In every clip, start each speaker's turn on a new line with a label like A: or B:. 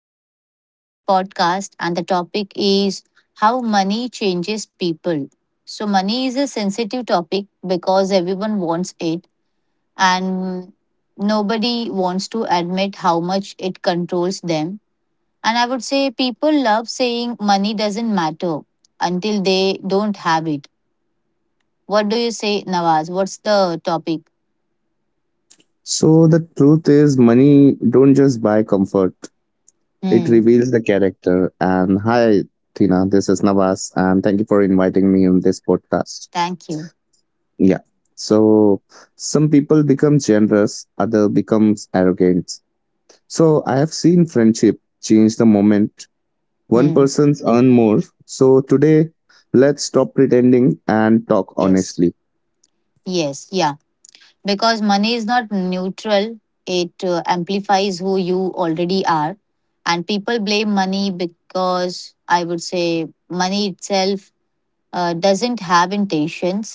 A: welcome to this podcast. And the topic is how money changes people. So, money is a sensitive topic because everyone wants it, and nobody wants to admit how much it controls them. And I would say people love saying money doesn't matter until they don't have it. What do you say, Nawaz? What's the topic?
B: So the truth is money don't just buy comfort. It
A: Hmm,
B: reveals the character. And hi Tina, this is Navas and thank you for inviting me on this podcast.
A: thank you.
B: Yeah. So some people become generous, other becomes arrogant. So I have seen friendship change the moment one
A: Hmm,
B: person's earn more. So today let's stop pretending and talk
A: yes.
B: honestly.
A: Yes, yeah, because money is not neutral, it amplifies who you already are, and people blame money because I would say money itself doesn't have intentions,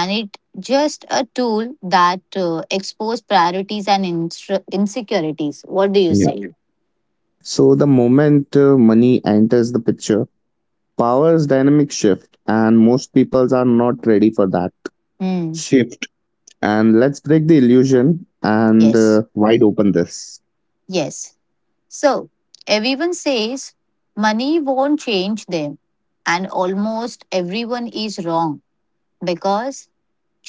A: and it just a tool that expose priorities and insecurities. What do you
B: Yeah.
A: say?
B: So the moment money enters the picture. Power is dynamic shift, and most peoples are not ready for that
A: Hmm.
B: shift. And let's break the illusion and
A: Yes,
B: wide open this.
A: yes, so everyone says money won't change them and almost everyone is wrong because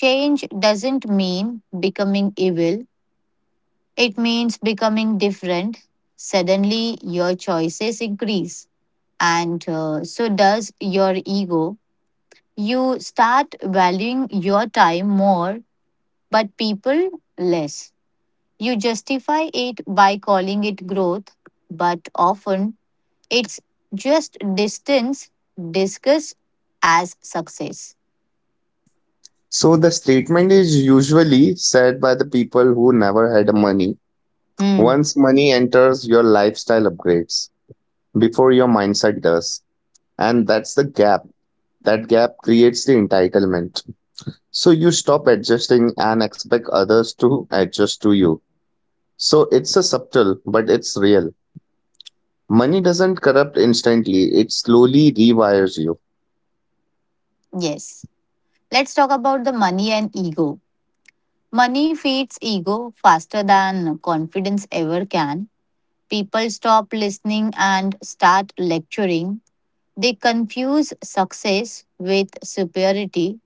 A: change doesn't mean becoming evil, it means becoming different. Suddenly, your choices increase, and so does your ego. You start valuing your time more, but people less. You justify it by calling it growth, but often it's just distance discussed as success.
B: So the statement is usually said by the people who never had money.
A: Hmm,
B: Once money enters, your lifestyle upgrades before your mindset does, and that's the gap. That gap creates the entitlement. So you stop adjusting and expect others to adjust to you. So it's a subtle, but it's real. Money doesn't corrupt instantly, it slowly rewires you.
A: yes. Let's talk about the money and ego. Money feeds ego faster than confidence ever can. People stop listening and start lecturing. They confuse success with superiority,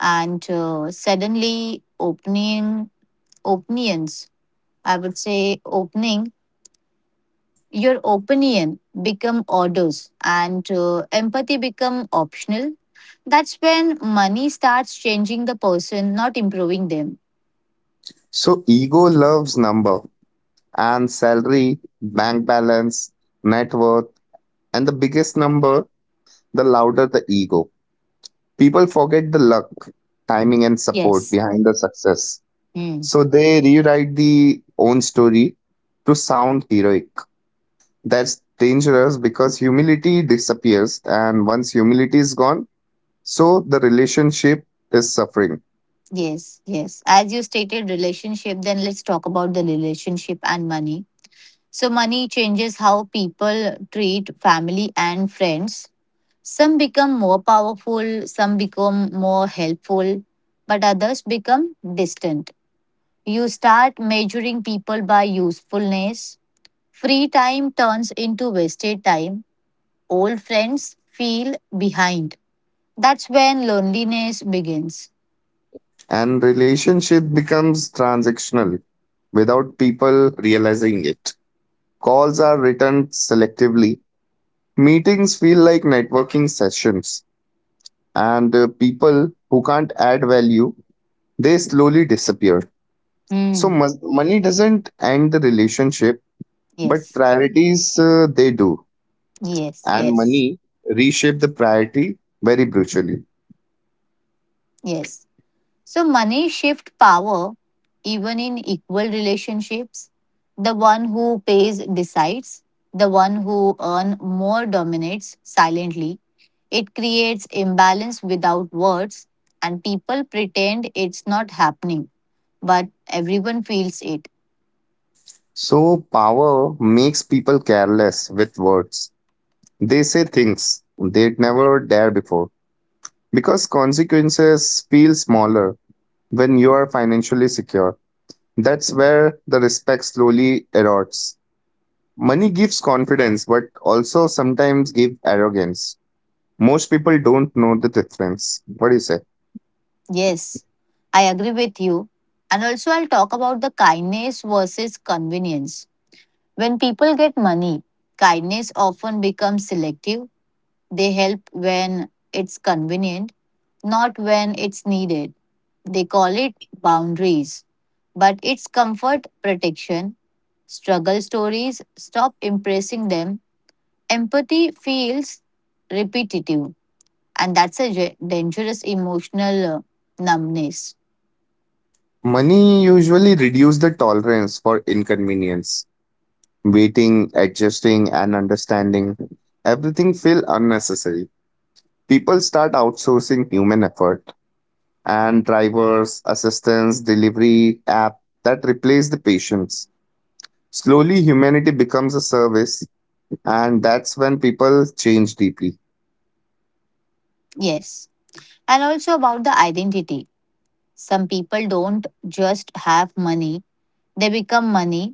A: and suddenly opening opinions. I would say opening your opinion become orders and empathy become optional. That's when money starts changing the person, not improving them.
B: So ego loves number and salary, bank balance, net worth, and the biggest number, the louder the ego. People forget the luck, timing, and support
A: Yes.
B: behind the success.
A: Hmm.
B: So they rewrite the own story to sound heroic. That's dangerous because humility disappears, and once humility is gone, so the relationship is suffering.
A: Yes, yes. As you stated, relationship, then let's talk about the relationship and money. So, money changes how people treat family and friends. Some become more powerful, some become more helpful, but others become distant. You start measuring people by usefulness. Free time turns into wasted time. Old friends feel behind. That's when loneliness begins.
B: And relationship becomes transactional without people realizing it. Calls are written selectively. Meetings feel like networking sessions, and people who can't add value they slowly disappear. So
A: Hmm.
B: money doesn't end the relationship, but
A: Yes,
B: priorities they do,
A: yes,
B: and
A: yes.
B: money reshape the priority very brutally.
A: Yes. So money shift power even in equal relationships. The one who pays decides, the one who earn more dominates silently. It creates imbalance without words, and people pretend it's not happening, but everyone feels it.
B: So power makes people careless with words. They say things they'd never dare before because consequences feel smaller when you are financially secure. That's where the respect slowly erodes. Money gives confidence, but also sometimes gives arrogance. Most people don't know the difference. What do you say?
A: Yes. I agree with you. And also I'll talk about the kindness versus convenience. When people get money, kindness often becomes selective. They help when it's convenient, not when it's needed. They call it boundaries, but it's comfort protection. Struggle stories stop impressing them. Empathy feels repetitive, and that's a dangerous emotional numbness.
B: Money usually reduces the tolerance for inconvenience. Waiting, adjusting, and understanding. Everything feel unnecessary. People start outsourcing human effort and drivers, assistants, delivery app that replace the patients. Slowly, humanity becomes a service, and that's when people change deeply.
A: Yes. And also about the identity. Some people don't just have money, they become money.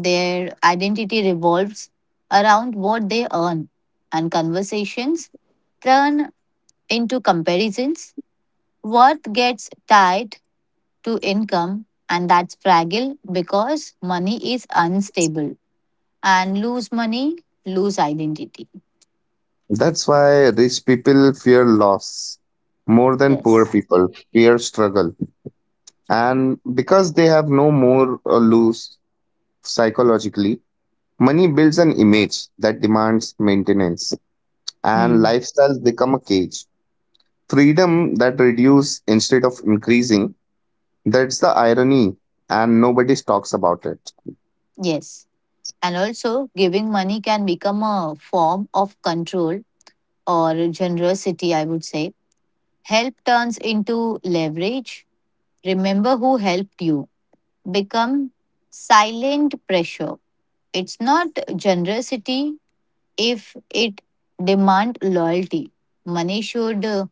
A: Their identity revolves around what they earn, and conversations turn into comparisons. Worth gets tied to income, and that's fragile because money is unstable. And lose money, lose identity.
B: That's why rich people fear loss more than poor
A: Yes.
B: people fear struggle and because they have no more lose psychologically. Money builds an image that demands maintenance, and
A: Hmm.
B: lifestyles become a cage. Freedom that reduces instead of increasing, that's the irony, and nobody talks about it.
A: Yes. And also, giving money can become a form of control or generosity, I would say. Help turns into leverage. Remember who helped you become silent pressure. It's not generosity if it demand loyalty. Money should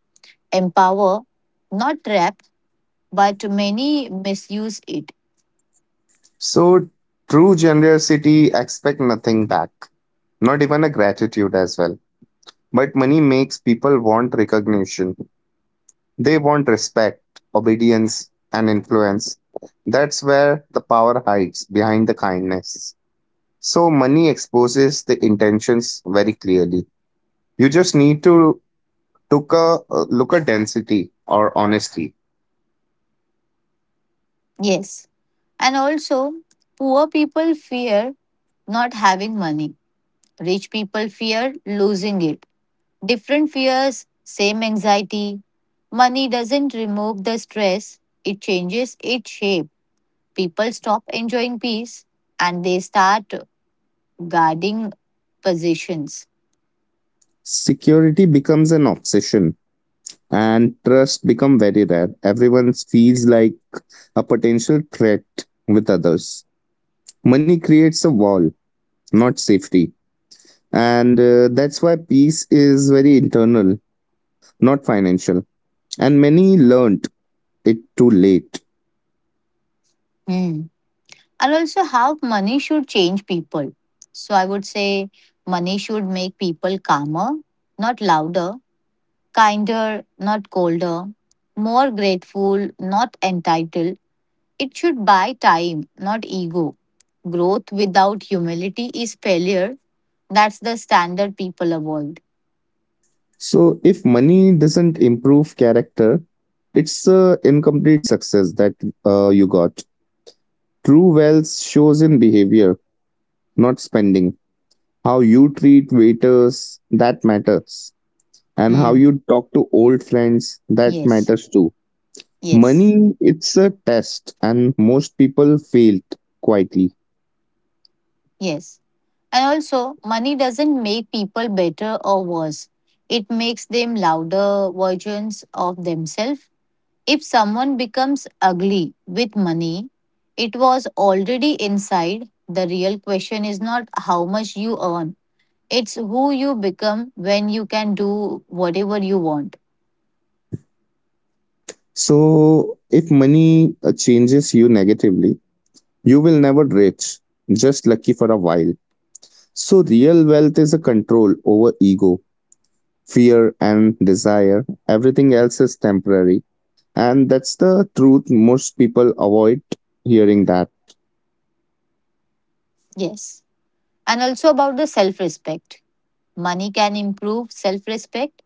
A: empower, not trap, but many misuse it.
B: So, true generosity expect nothing back, not even a gratitude as well. But money makes people want recognition, they want respect, obedience, and influence. That's where the power hides behind the kindness. So money exposes the intentions very clearly. You just need to took a look at density or honesty.
A: Yes. And also, poor people fear not having money. Rich people fear losing it. Different fears, same anxiety. Money doesn't remove the stress, it changes its shape. People stop enjoying peace and they start guarding positions.
B: Security becomes an obsession and trust become very rare. Everyone feels like a potential threat with others. Money creates a wall, not safety. And that's why peace is very internal, not financial. And many learned it too late.
A: Hmm. And also, how money should change people. So, I would say money should make people calmer, not louder, kinder, not colder, more grateful, not entitled. It should buy time, not ego. Growth without humility is failure. That's the standard people avoid.
B: So, if money doesn't improve character, it's a incomplete success that you got. True wealth shows in behavior, not spending. How you treat waiters, that matters. And how
A: Hmm.
B: you talk to old friends, that
A: Yes,
B: matters too.
A: yes,
B: Money, it's a test, and most people fail quietly.
A: yes. And also, money doesn't make people better or worse. It makes them louder versions of themselves. If someone becomes ugly with money, it was already inside. The real question is not how much you earn, it's who you become when you can do whatever you want.
B: So, if money changes you negatively, you will never rich, just lucky for a while. So, real wealth is a control over ego, fear, and desire. Everything else is temporary. And that's the truth. Most people avoid hearing that.
A: Yes. And also about the self respect. Money can improve self respect,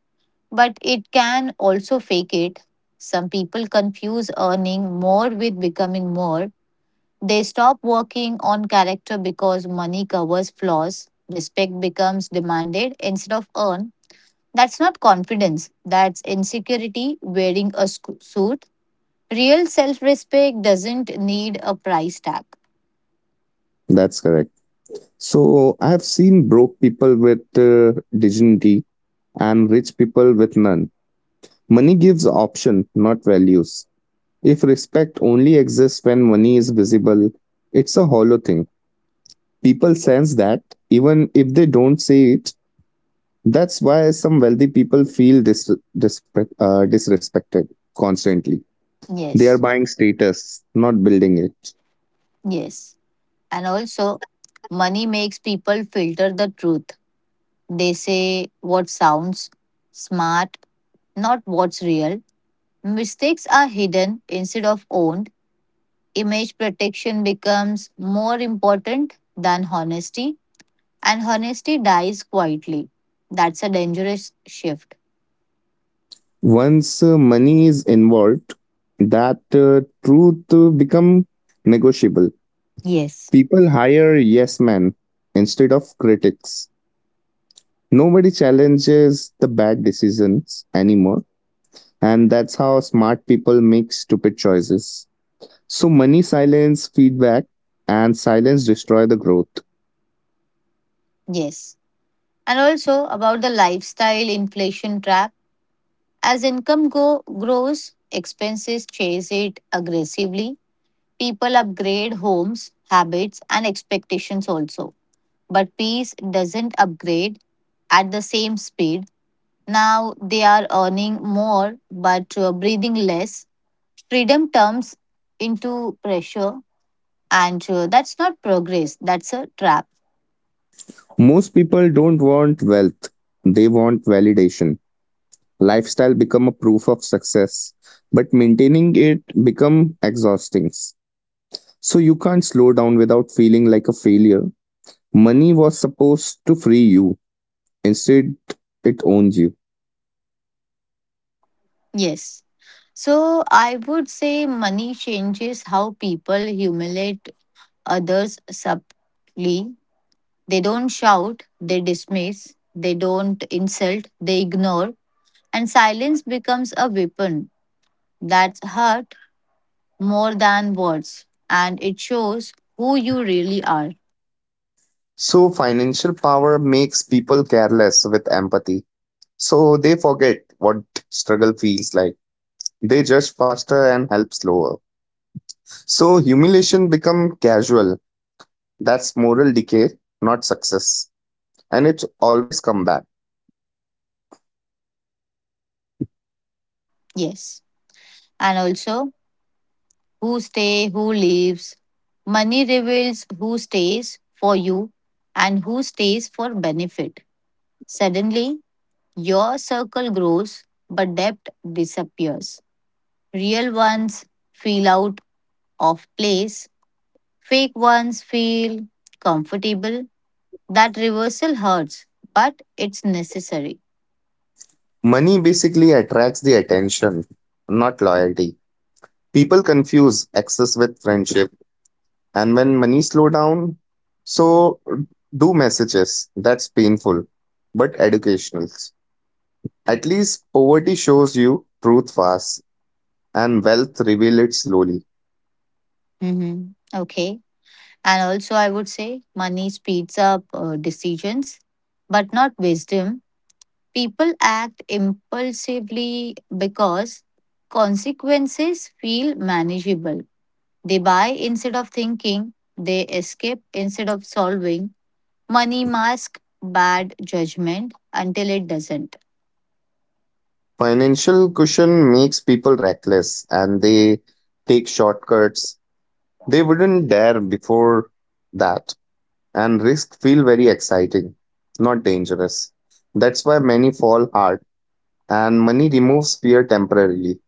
A: but it can also fake it. Some people confuse earning more with becoming more. They stop working on character because money covers flaws. Respect becomes demanded instead of earned. That's not confidence, that's insecurity wearing a suit. Real self respect doesn't need a price tag.
B: That's correct. So, I have seen broke people with dignity and rich people with none. Money gives option, not values. If respect only exists when money is visible, it's a hollow thing. People sense that even if they don't say it. That's why some wealthy people feel disrespected constantly. They are
A: Yes,
B: buying status, not building it.
A: yes. And also, money makes people filter the truth. They say what sounds smart, not what's real. Mistakes are hidden instead of owned. Image protection becomes more important than honesty, and honesty dies quietly. That's a dangerous shift.
B: Once money is involved, that truth become negotiable.
A: Yes.
B: People hire yes men instead of critics. Nobody challenges the bad decisions anymore, and that's how smart people make stupid choices. So money silence feedback, and silence destroy the growth.
A: Yes. And also about the lifestyle inflation trap. As grows, expenses chase it aggressively. People upgrade homes, habits, and expectations also. But peace doesn't upgrade at the same speed. Now they are earning more but breathing less. Freedom turns into pressure, and that's not progress, that's a trap.
B: Most people don't want wealth, they want validation. Lifestyle become a proof of success, but maintaining it become exhausting. So you can't slow down without feeling like a failure. Money was supposed to free you, instead it owns you.
A: Yes. So I would say money changes how people humiliate others subtly. They don't shout, they dismiss, they don't insult, they ignore, and silence becomes a weapon that's hurt more than words, and it shows who you really are.
B: So financial power makes people careless with empathy. So they forget what struggle feels like. They judge faster and help slower. So humiliation become casual. That's moral decay, not success. And it's always come back.
A: Yes. And also, who stay, who leaves. Money reveals who stays for you and who stays for benefit. Suddenly, your circle grows, but depth disappears. Real ones feel out of place, fake ones feel comfortable. That reversal hurts, but it's necessary.
B: Money basically attracts the attention, not loyalty. People confuse access with friendship. And when money slow down, so do messages. That's painful, but educational. At least poverty shows you truth fast and wealth reveal it slowly.
A: Mhm. Okay. And also, I would say money speeds up decisions, but not wisdom. People act impulsively because consequences feel manageable. They buy instead of thinking, they escape instead of solving. Money masks bad judgment until it doesn't.
B: Financial cushion makes people reckless and they take shortcuts. They wouldn't dare before that, and risk feel very exciting, not dangerous. That's why many fall hard, and money removes fear temporarily,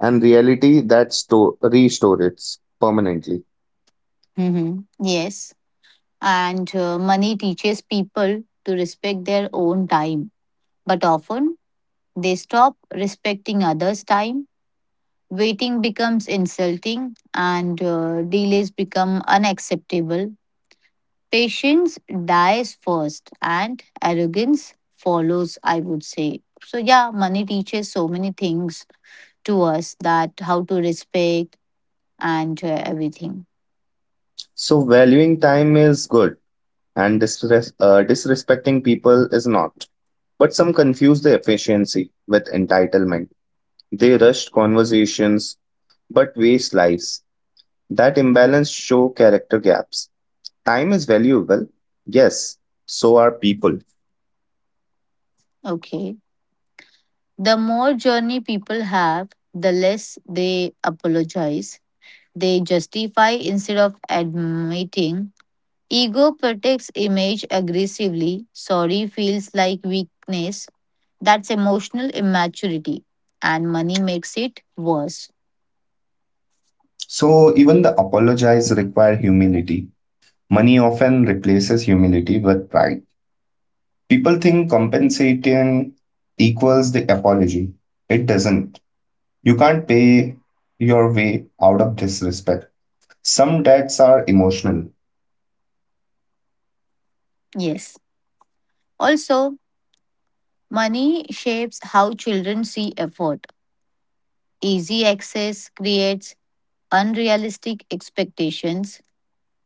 B: and reality that store restores it permanently.
A: Mm-hmm. Yes, and money teaches people to respect their own time, but often they stop respecting others' time. Waiting becomes insulting and delays become unacceptable. Patience dies first and arrogance follows, I would say. So, yeah, money teaches so many things to us, that how to respect and everything.
B: So valuing time is good, and disrespecting people is not. But some confuse the efficiency with entitlement. They rushed conversations but waste lives. That imbalance show character gaps. Time is valuable. Yes, so are people.
A: Okay. The more journey people have, the less they apologize. They justify instead of admitting. Ego protects image aggressively. Sorry feels like weakness. That's emotional immaturity. And money makes it worse.
B: So even the apologize require humility. Money often replaces humility with pride. People think compensating equals the apology. It doesn't. You can't pay your way out of disrespect. Some debts are emotional.
A: Yes. Also, money shapes how children see effort. Easy access creates unrealistic expectations.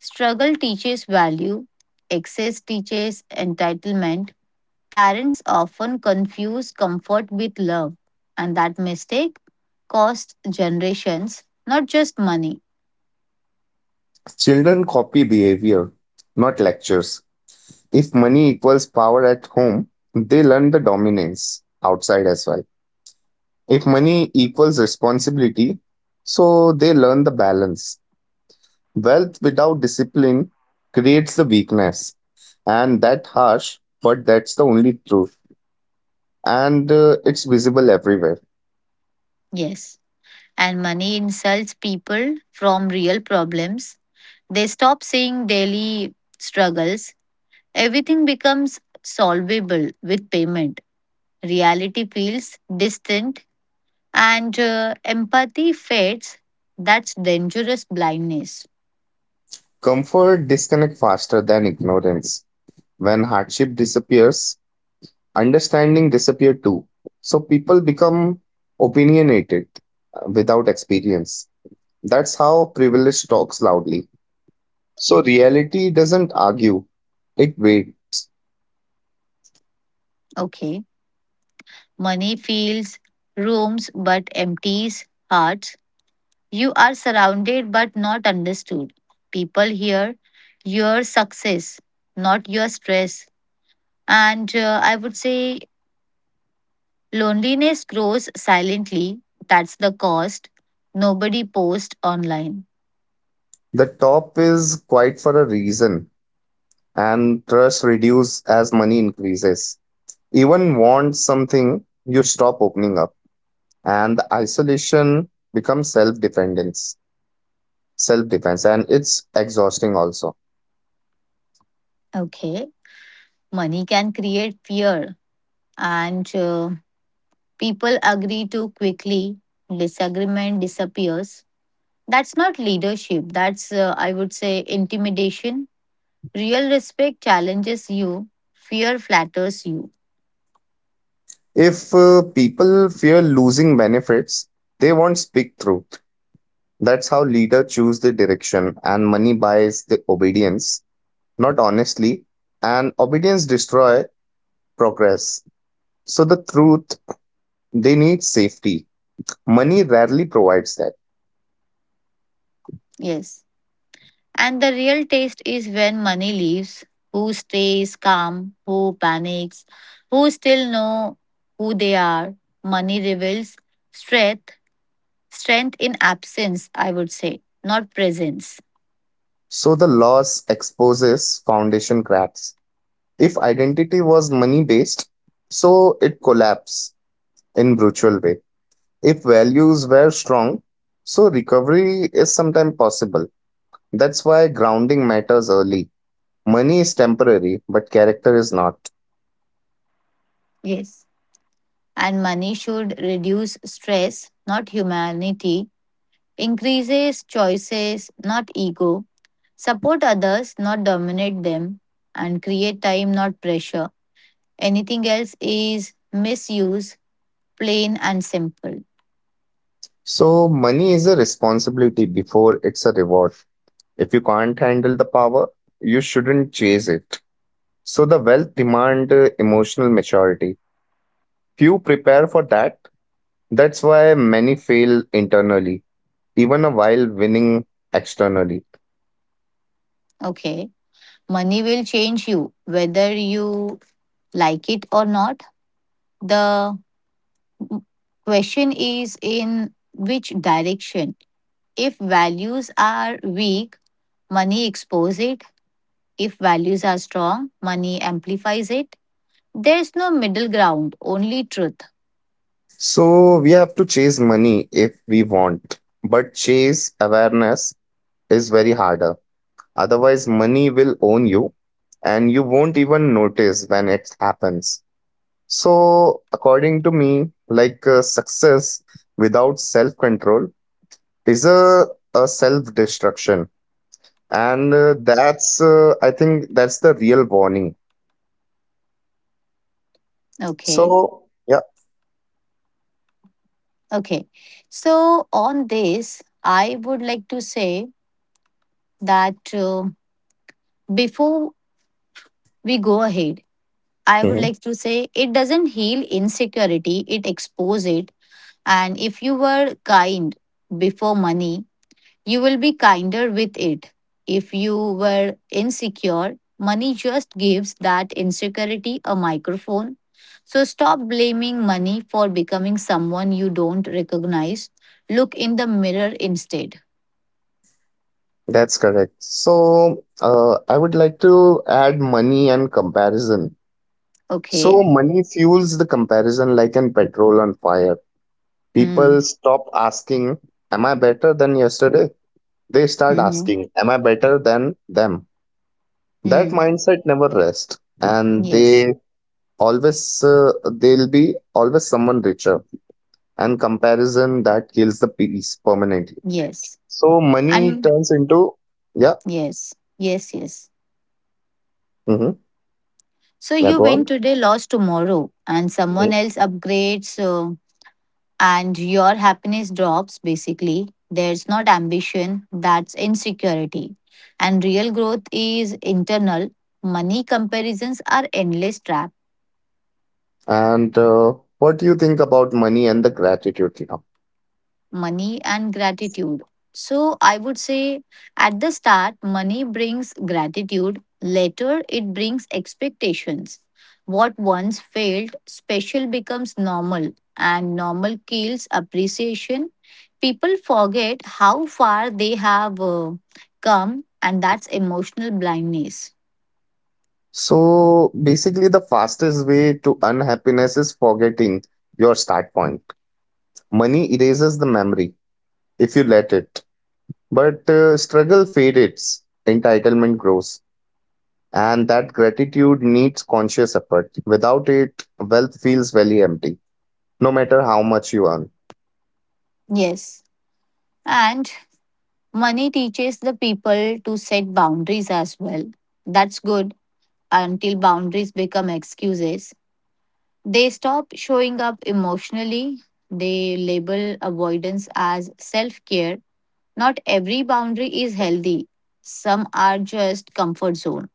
A: Struggle teaches value. Excess teaches entitlement. Parents often confuse comfort with love, and that mistake costs generations, not just money.
B: Children copy behavior, not lectures. If money equals power at home, they learn the dominance outside as well. If money equals responsibility, so they learn the balance. Wealth without discipline creates the weakness, and that harsh, but that's the only truth. And it's visible everywhere.
A: Yes. And money insults people from real problems. They stop seeing daily struggles. Everything becomes solvable with payment. Reality feels distant and empathy fades. That's dangerous blindness.
B: Comfort disconnect faster than ignorance. When hardship disappears, understanding disappear too. So people become opinionated without experience. That's how privilege talks loudly. So reality doesn't argue; it waits.
A: Okay. Money fills rooms but empties hearts. You are surrounded but not understood. People hear your success, not your stress. And I would say loneliness grows silently. That's the cost. Nobody posts online.
B: The top is quite for a reason, and trust reduces as money increases. Even want something, you stop opening up, and the isolation becomes self dependence, self defense, and it's exhausting also.
A: Okay, money can create fear, and people agree too quickly. Disagreement disappears. That's not leadership. That's, I would say, intimidation. Real respect challenges you, fear flatters you.
B: If people fear losing benefits, they won't speak through. That's how leader choose the direction, and money buys the obedience, not honestly, and obedience destroy progress. So the truth, they need safety. Money rarely provides that.
A: Yes. And the real test is when money leaves. Who stays calm? Who panics? Who still know who they are? Money reveals strength. Strength in absence, I would say, not presence.
B: So the loss exposes foundation cracks. If identity was money based, so it collapsed in brutal way. If values were strong, so recovery is sometimes possible. That's why grounding matters early. Money is temporary, but character is not.
A: Yes. And money should reduce stress, not humanity, increases choices, not ego, support others, not dominate them, and create time, not pressure. Anything else is misuse, plain and simple.
B: So, money is a responsibility before it's a reward. If you can't handle the power, you shouldn't chase it. So, the wealth demand emotional maturity. Few prepare for that. That's why many fail internally, even while winning externally.
A: Okay. Money will change you whether you like it or not. The question is in which direction. If values are weak, money exposes it. If values are strong, money amplifies it. There's no middle ground, only truth.
B: So, we have to chase money if we want, but chase awareness is very harder. Otherwise, money will own you and you won't even notice when it happens. So, according to me, like success without self control is a self destruction. And I think, that's the real warning.
A: Okay.
B: So, yeah,
A: Okay. So, on this, I would like to say that before we go ahead, I would
B: mhm,
A: like to say it doesn't heal insecurity, it exposes it. And if you were kind before money, you will be kinder with it. If you were insecure, money just gives that insecurity a microphone. So stop blaming money for becoming someone you don't recognize. Look in the mirror instead.
B: that's correct. So, I would like to add money and comparison. So,
A: Okay.
B: money fuels the comparison like an petrol on fire. People
A: Hmm.
B: stop asking, am I better than yesterday? They start
A: Mm-hmm.
B: asking, am I better than them? That
A: Hmm.
B: mindset never rests, and
A: Yes.
B: they always they'll be always someone richer and comparison that kills the peace permanently.
A: Yes.
B: So money
A: And
B: turns into yeah.
A: yes. Yes. Yes.
B: Hmm.
A: So
B: Yeah,
A: you
B: go
A: win
B: on.
A: today, lost tomorrow, and
B: Mhm.
A: someone else upgrades, and your happiness drops basically. There's not ambition, that's insecurity. And real growth is internal. Money comparisons are endless trap.
B: And what do you think about money and the gratitude now?
A: Money and gratitude. So I would say at the start, money brings gratitude, later, it brings expectations. What once felt special becomes normal, and normal kills appreciation. People forget how far they have come, and that's emotional blindness.
B: So basically the fastest way to unhappiness is forgetting your start point. Money erases the memory if you let it, but struggle fades, entitlement grows, and that gratitude needs conscious effort. Without it, wealth feels very empty, no matter how much you earn.
A: Yes. And money teaches the people to set boundaries as well. That's good until boundaries become excuses. They stop showing up emotionally. They label avoidance as self care. Not every boundary is healthy, some are just comfort zone.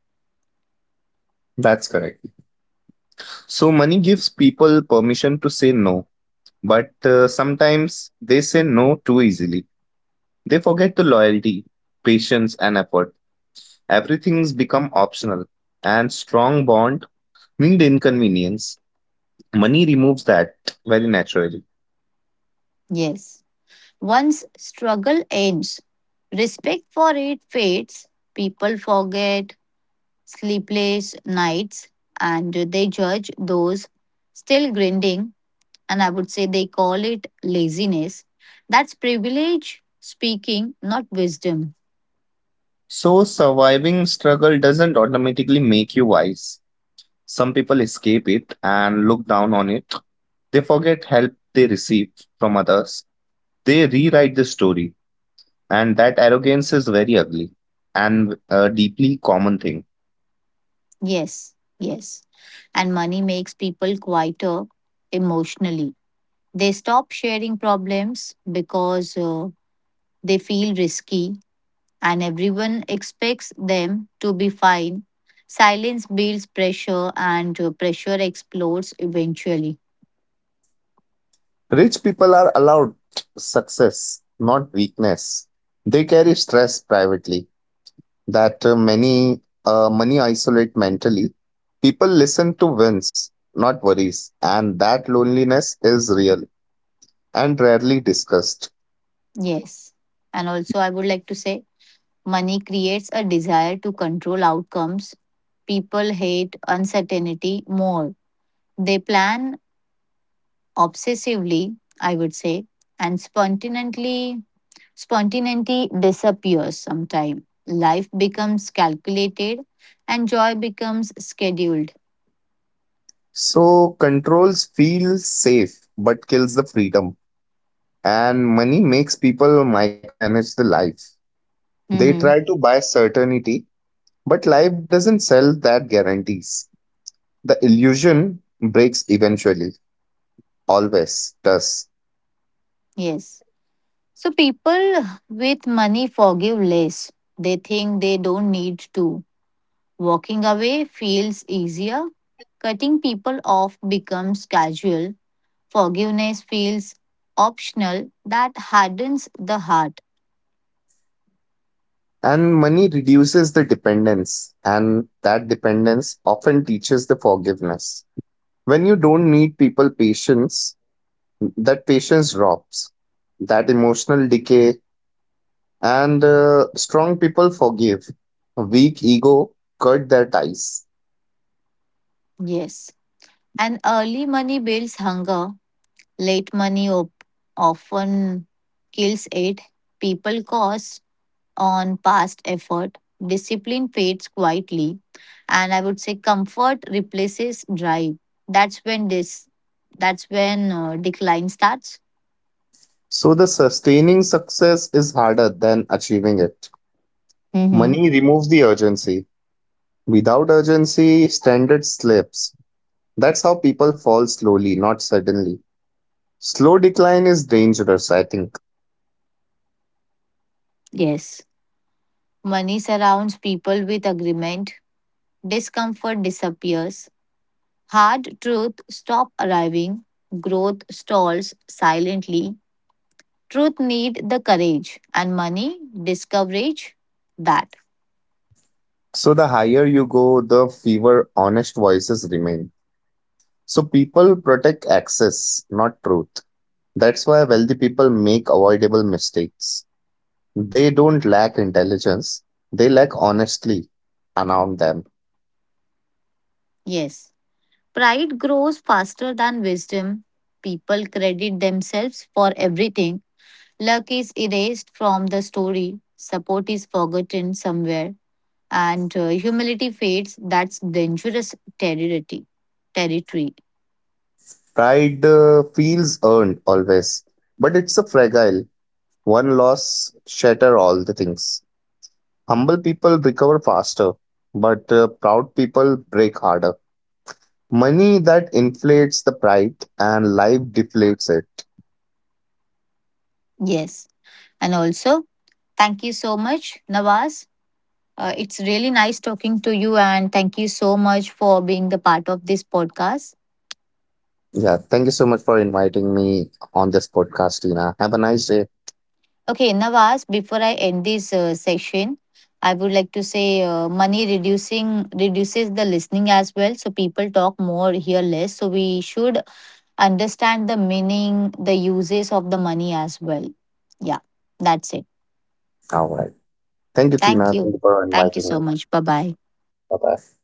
B: That's correct. So, money gives people permission to say no, but sometimes they say no too easily. They forget the loyalty, patience, and effort. Everything's become optional, and strong bond need inconvenience. Money removes that very naturally.
A: Yes. Once struggle ends, respect for it fades. People forget sleepless nights and they judge those still grinding. And I would say they call it laziness. That's privilege speaking, not wisdom.
B: So, surviving struggle doesn't automatically make you wise. Some people escape it and look down on it. They forget help they receive from others. They rewrite the story, and that arrogance is very ugly and a deeply common thing.
A: Yes, yes. And money makes people quieter emotionally. They stop sharing problems because they feel risky and everyone expects them to be fine. Silence builds pressure and pressure explodes eventually.
B: Rich people are allowed success, not weakness. They carry stress privately. That many money isolate mentally. People listen to wins, not worries, and that loneliness is real and rarely discussed.
A: Yes. And also, I would like to say money creates a desire to control outcomes. People hate uncertainty more. They plan obsessively, I would say, and spontaneously spontaneity disappears sometime. Life becomes calculated and joy becomes scheduled.
B: So controls feel safe but kills the freedom, and money makes people micromanage the life. They
A: Mhm.
B: try to buy certainty, but life doesn't sell that guarantees. The illusion breaks eventually, always does.
A: Yes. So people with money forgive less. They think they don't need to. Walking away feels easier. Cutting people off becomes casual. Forgiveness feels optional. That hardens the heart.
B: And money reduces the dependence, and that dependence often teaches the forgiveness. When you don't need people patience, that patience drops, that emotional decay, and strong people forgive. Weak ego cut their ties.
A: Yes. And early money builds hunger, late money often kills it. People cost on past effort, discipline fades quietly, and I would say comfort replaces drive. That's when this, that's when decline starts.
B: So the sustaining success is harder than achieving it.
A: Mm-hmm.
B: Money removes the urgency. Without urgency, standard slips. That's how people fall slowly, not suddenly. Slow decline is dangerous, I think.
A: Yes. Money surrounds people with agreement. Discomfort disappears. Hard truth stop arriving. Growth stalls silently. Truth need the courage and money discourage that.
B: So the higher you go, the fewer honest voices remain. So people protect access, not truth. That's why wealthy people make avoidable mistakes. They don't lack intelligence, they lack honestly around them.
A: Yes. Pride grows faster than wisdom. People credit themselves for everything. Luck is erased from the story. Support is forgotten somewhere. And humility fades. That's dangerous territory.
B: Pride feels earned always, but it's a fragile. One loss shatter all the things. Humble people recover faster, but proud people break harder. Money that inflates the pride and life deflates it.
A: Yes. And also, thank you so much, Nawaz. It's really nice talking to you, and thank you so much for being the part of this podcast.
B: Yeah, thank you so much for inviting me on this podcast, Tina. Have a nice day.
A: Okay, Nawaz, before I end this section, I would like to say money reducing reduces the listening as well. So people talk more, hear less. So we should understand the meaning, the uses of the money as well. Yeah, that's it.
B: All right. Thank you, Tina.
A: Thank
B: Thank
A: you.
B: you for
A: Thank you
B: inviting me.
A: so much. Bye bye.
B: Bye bye.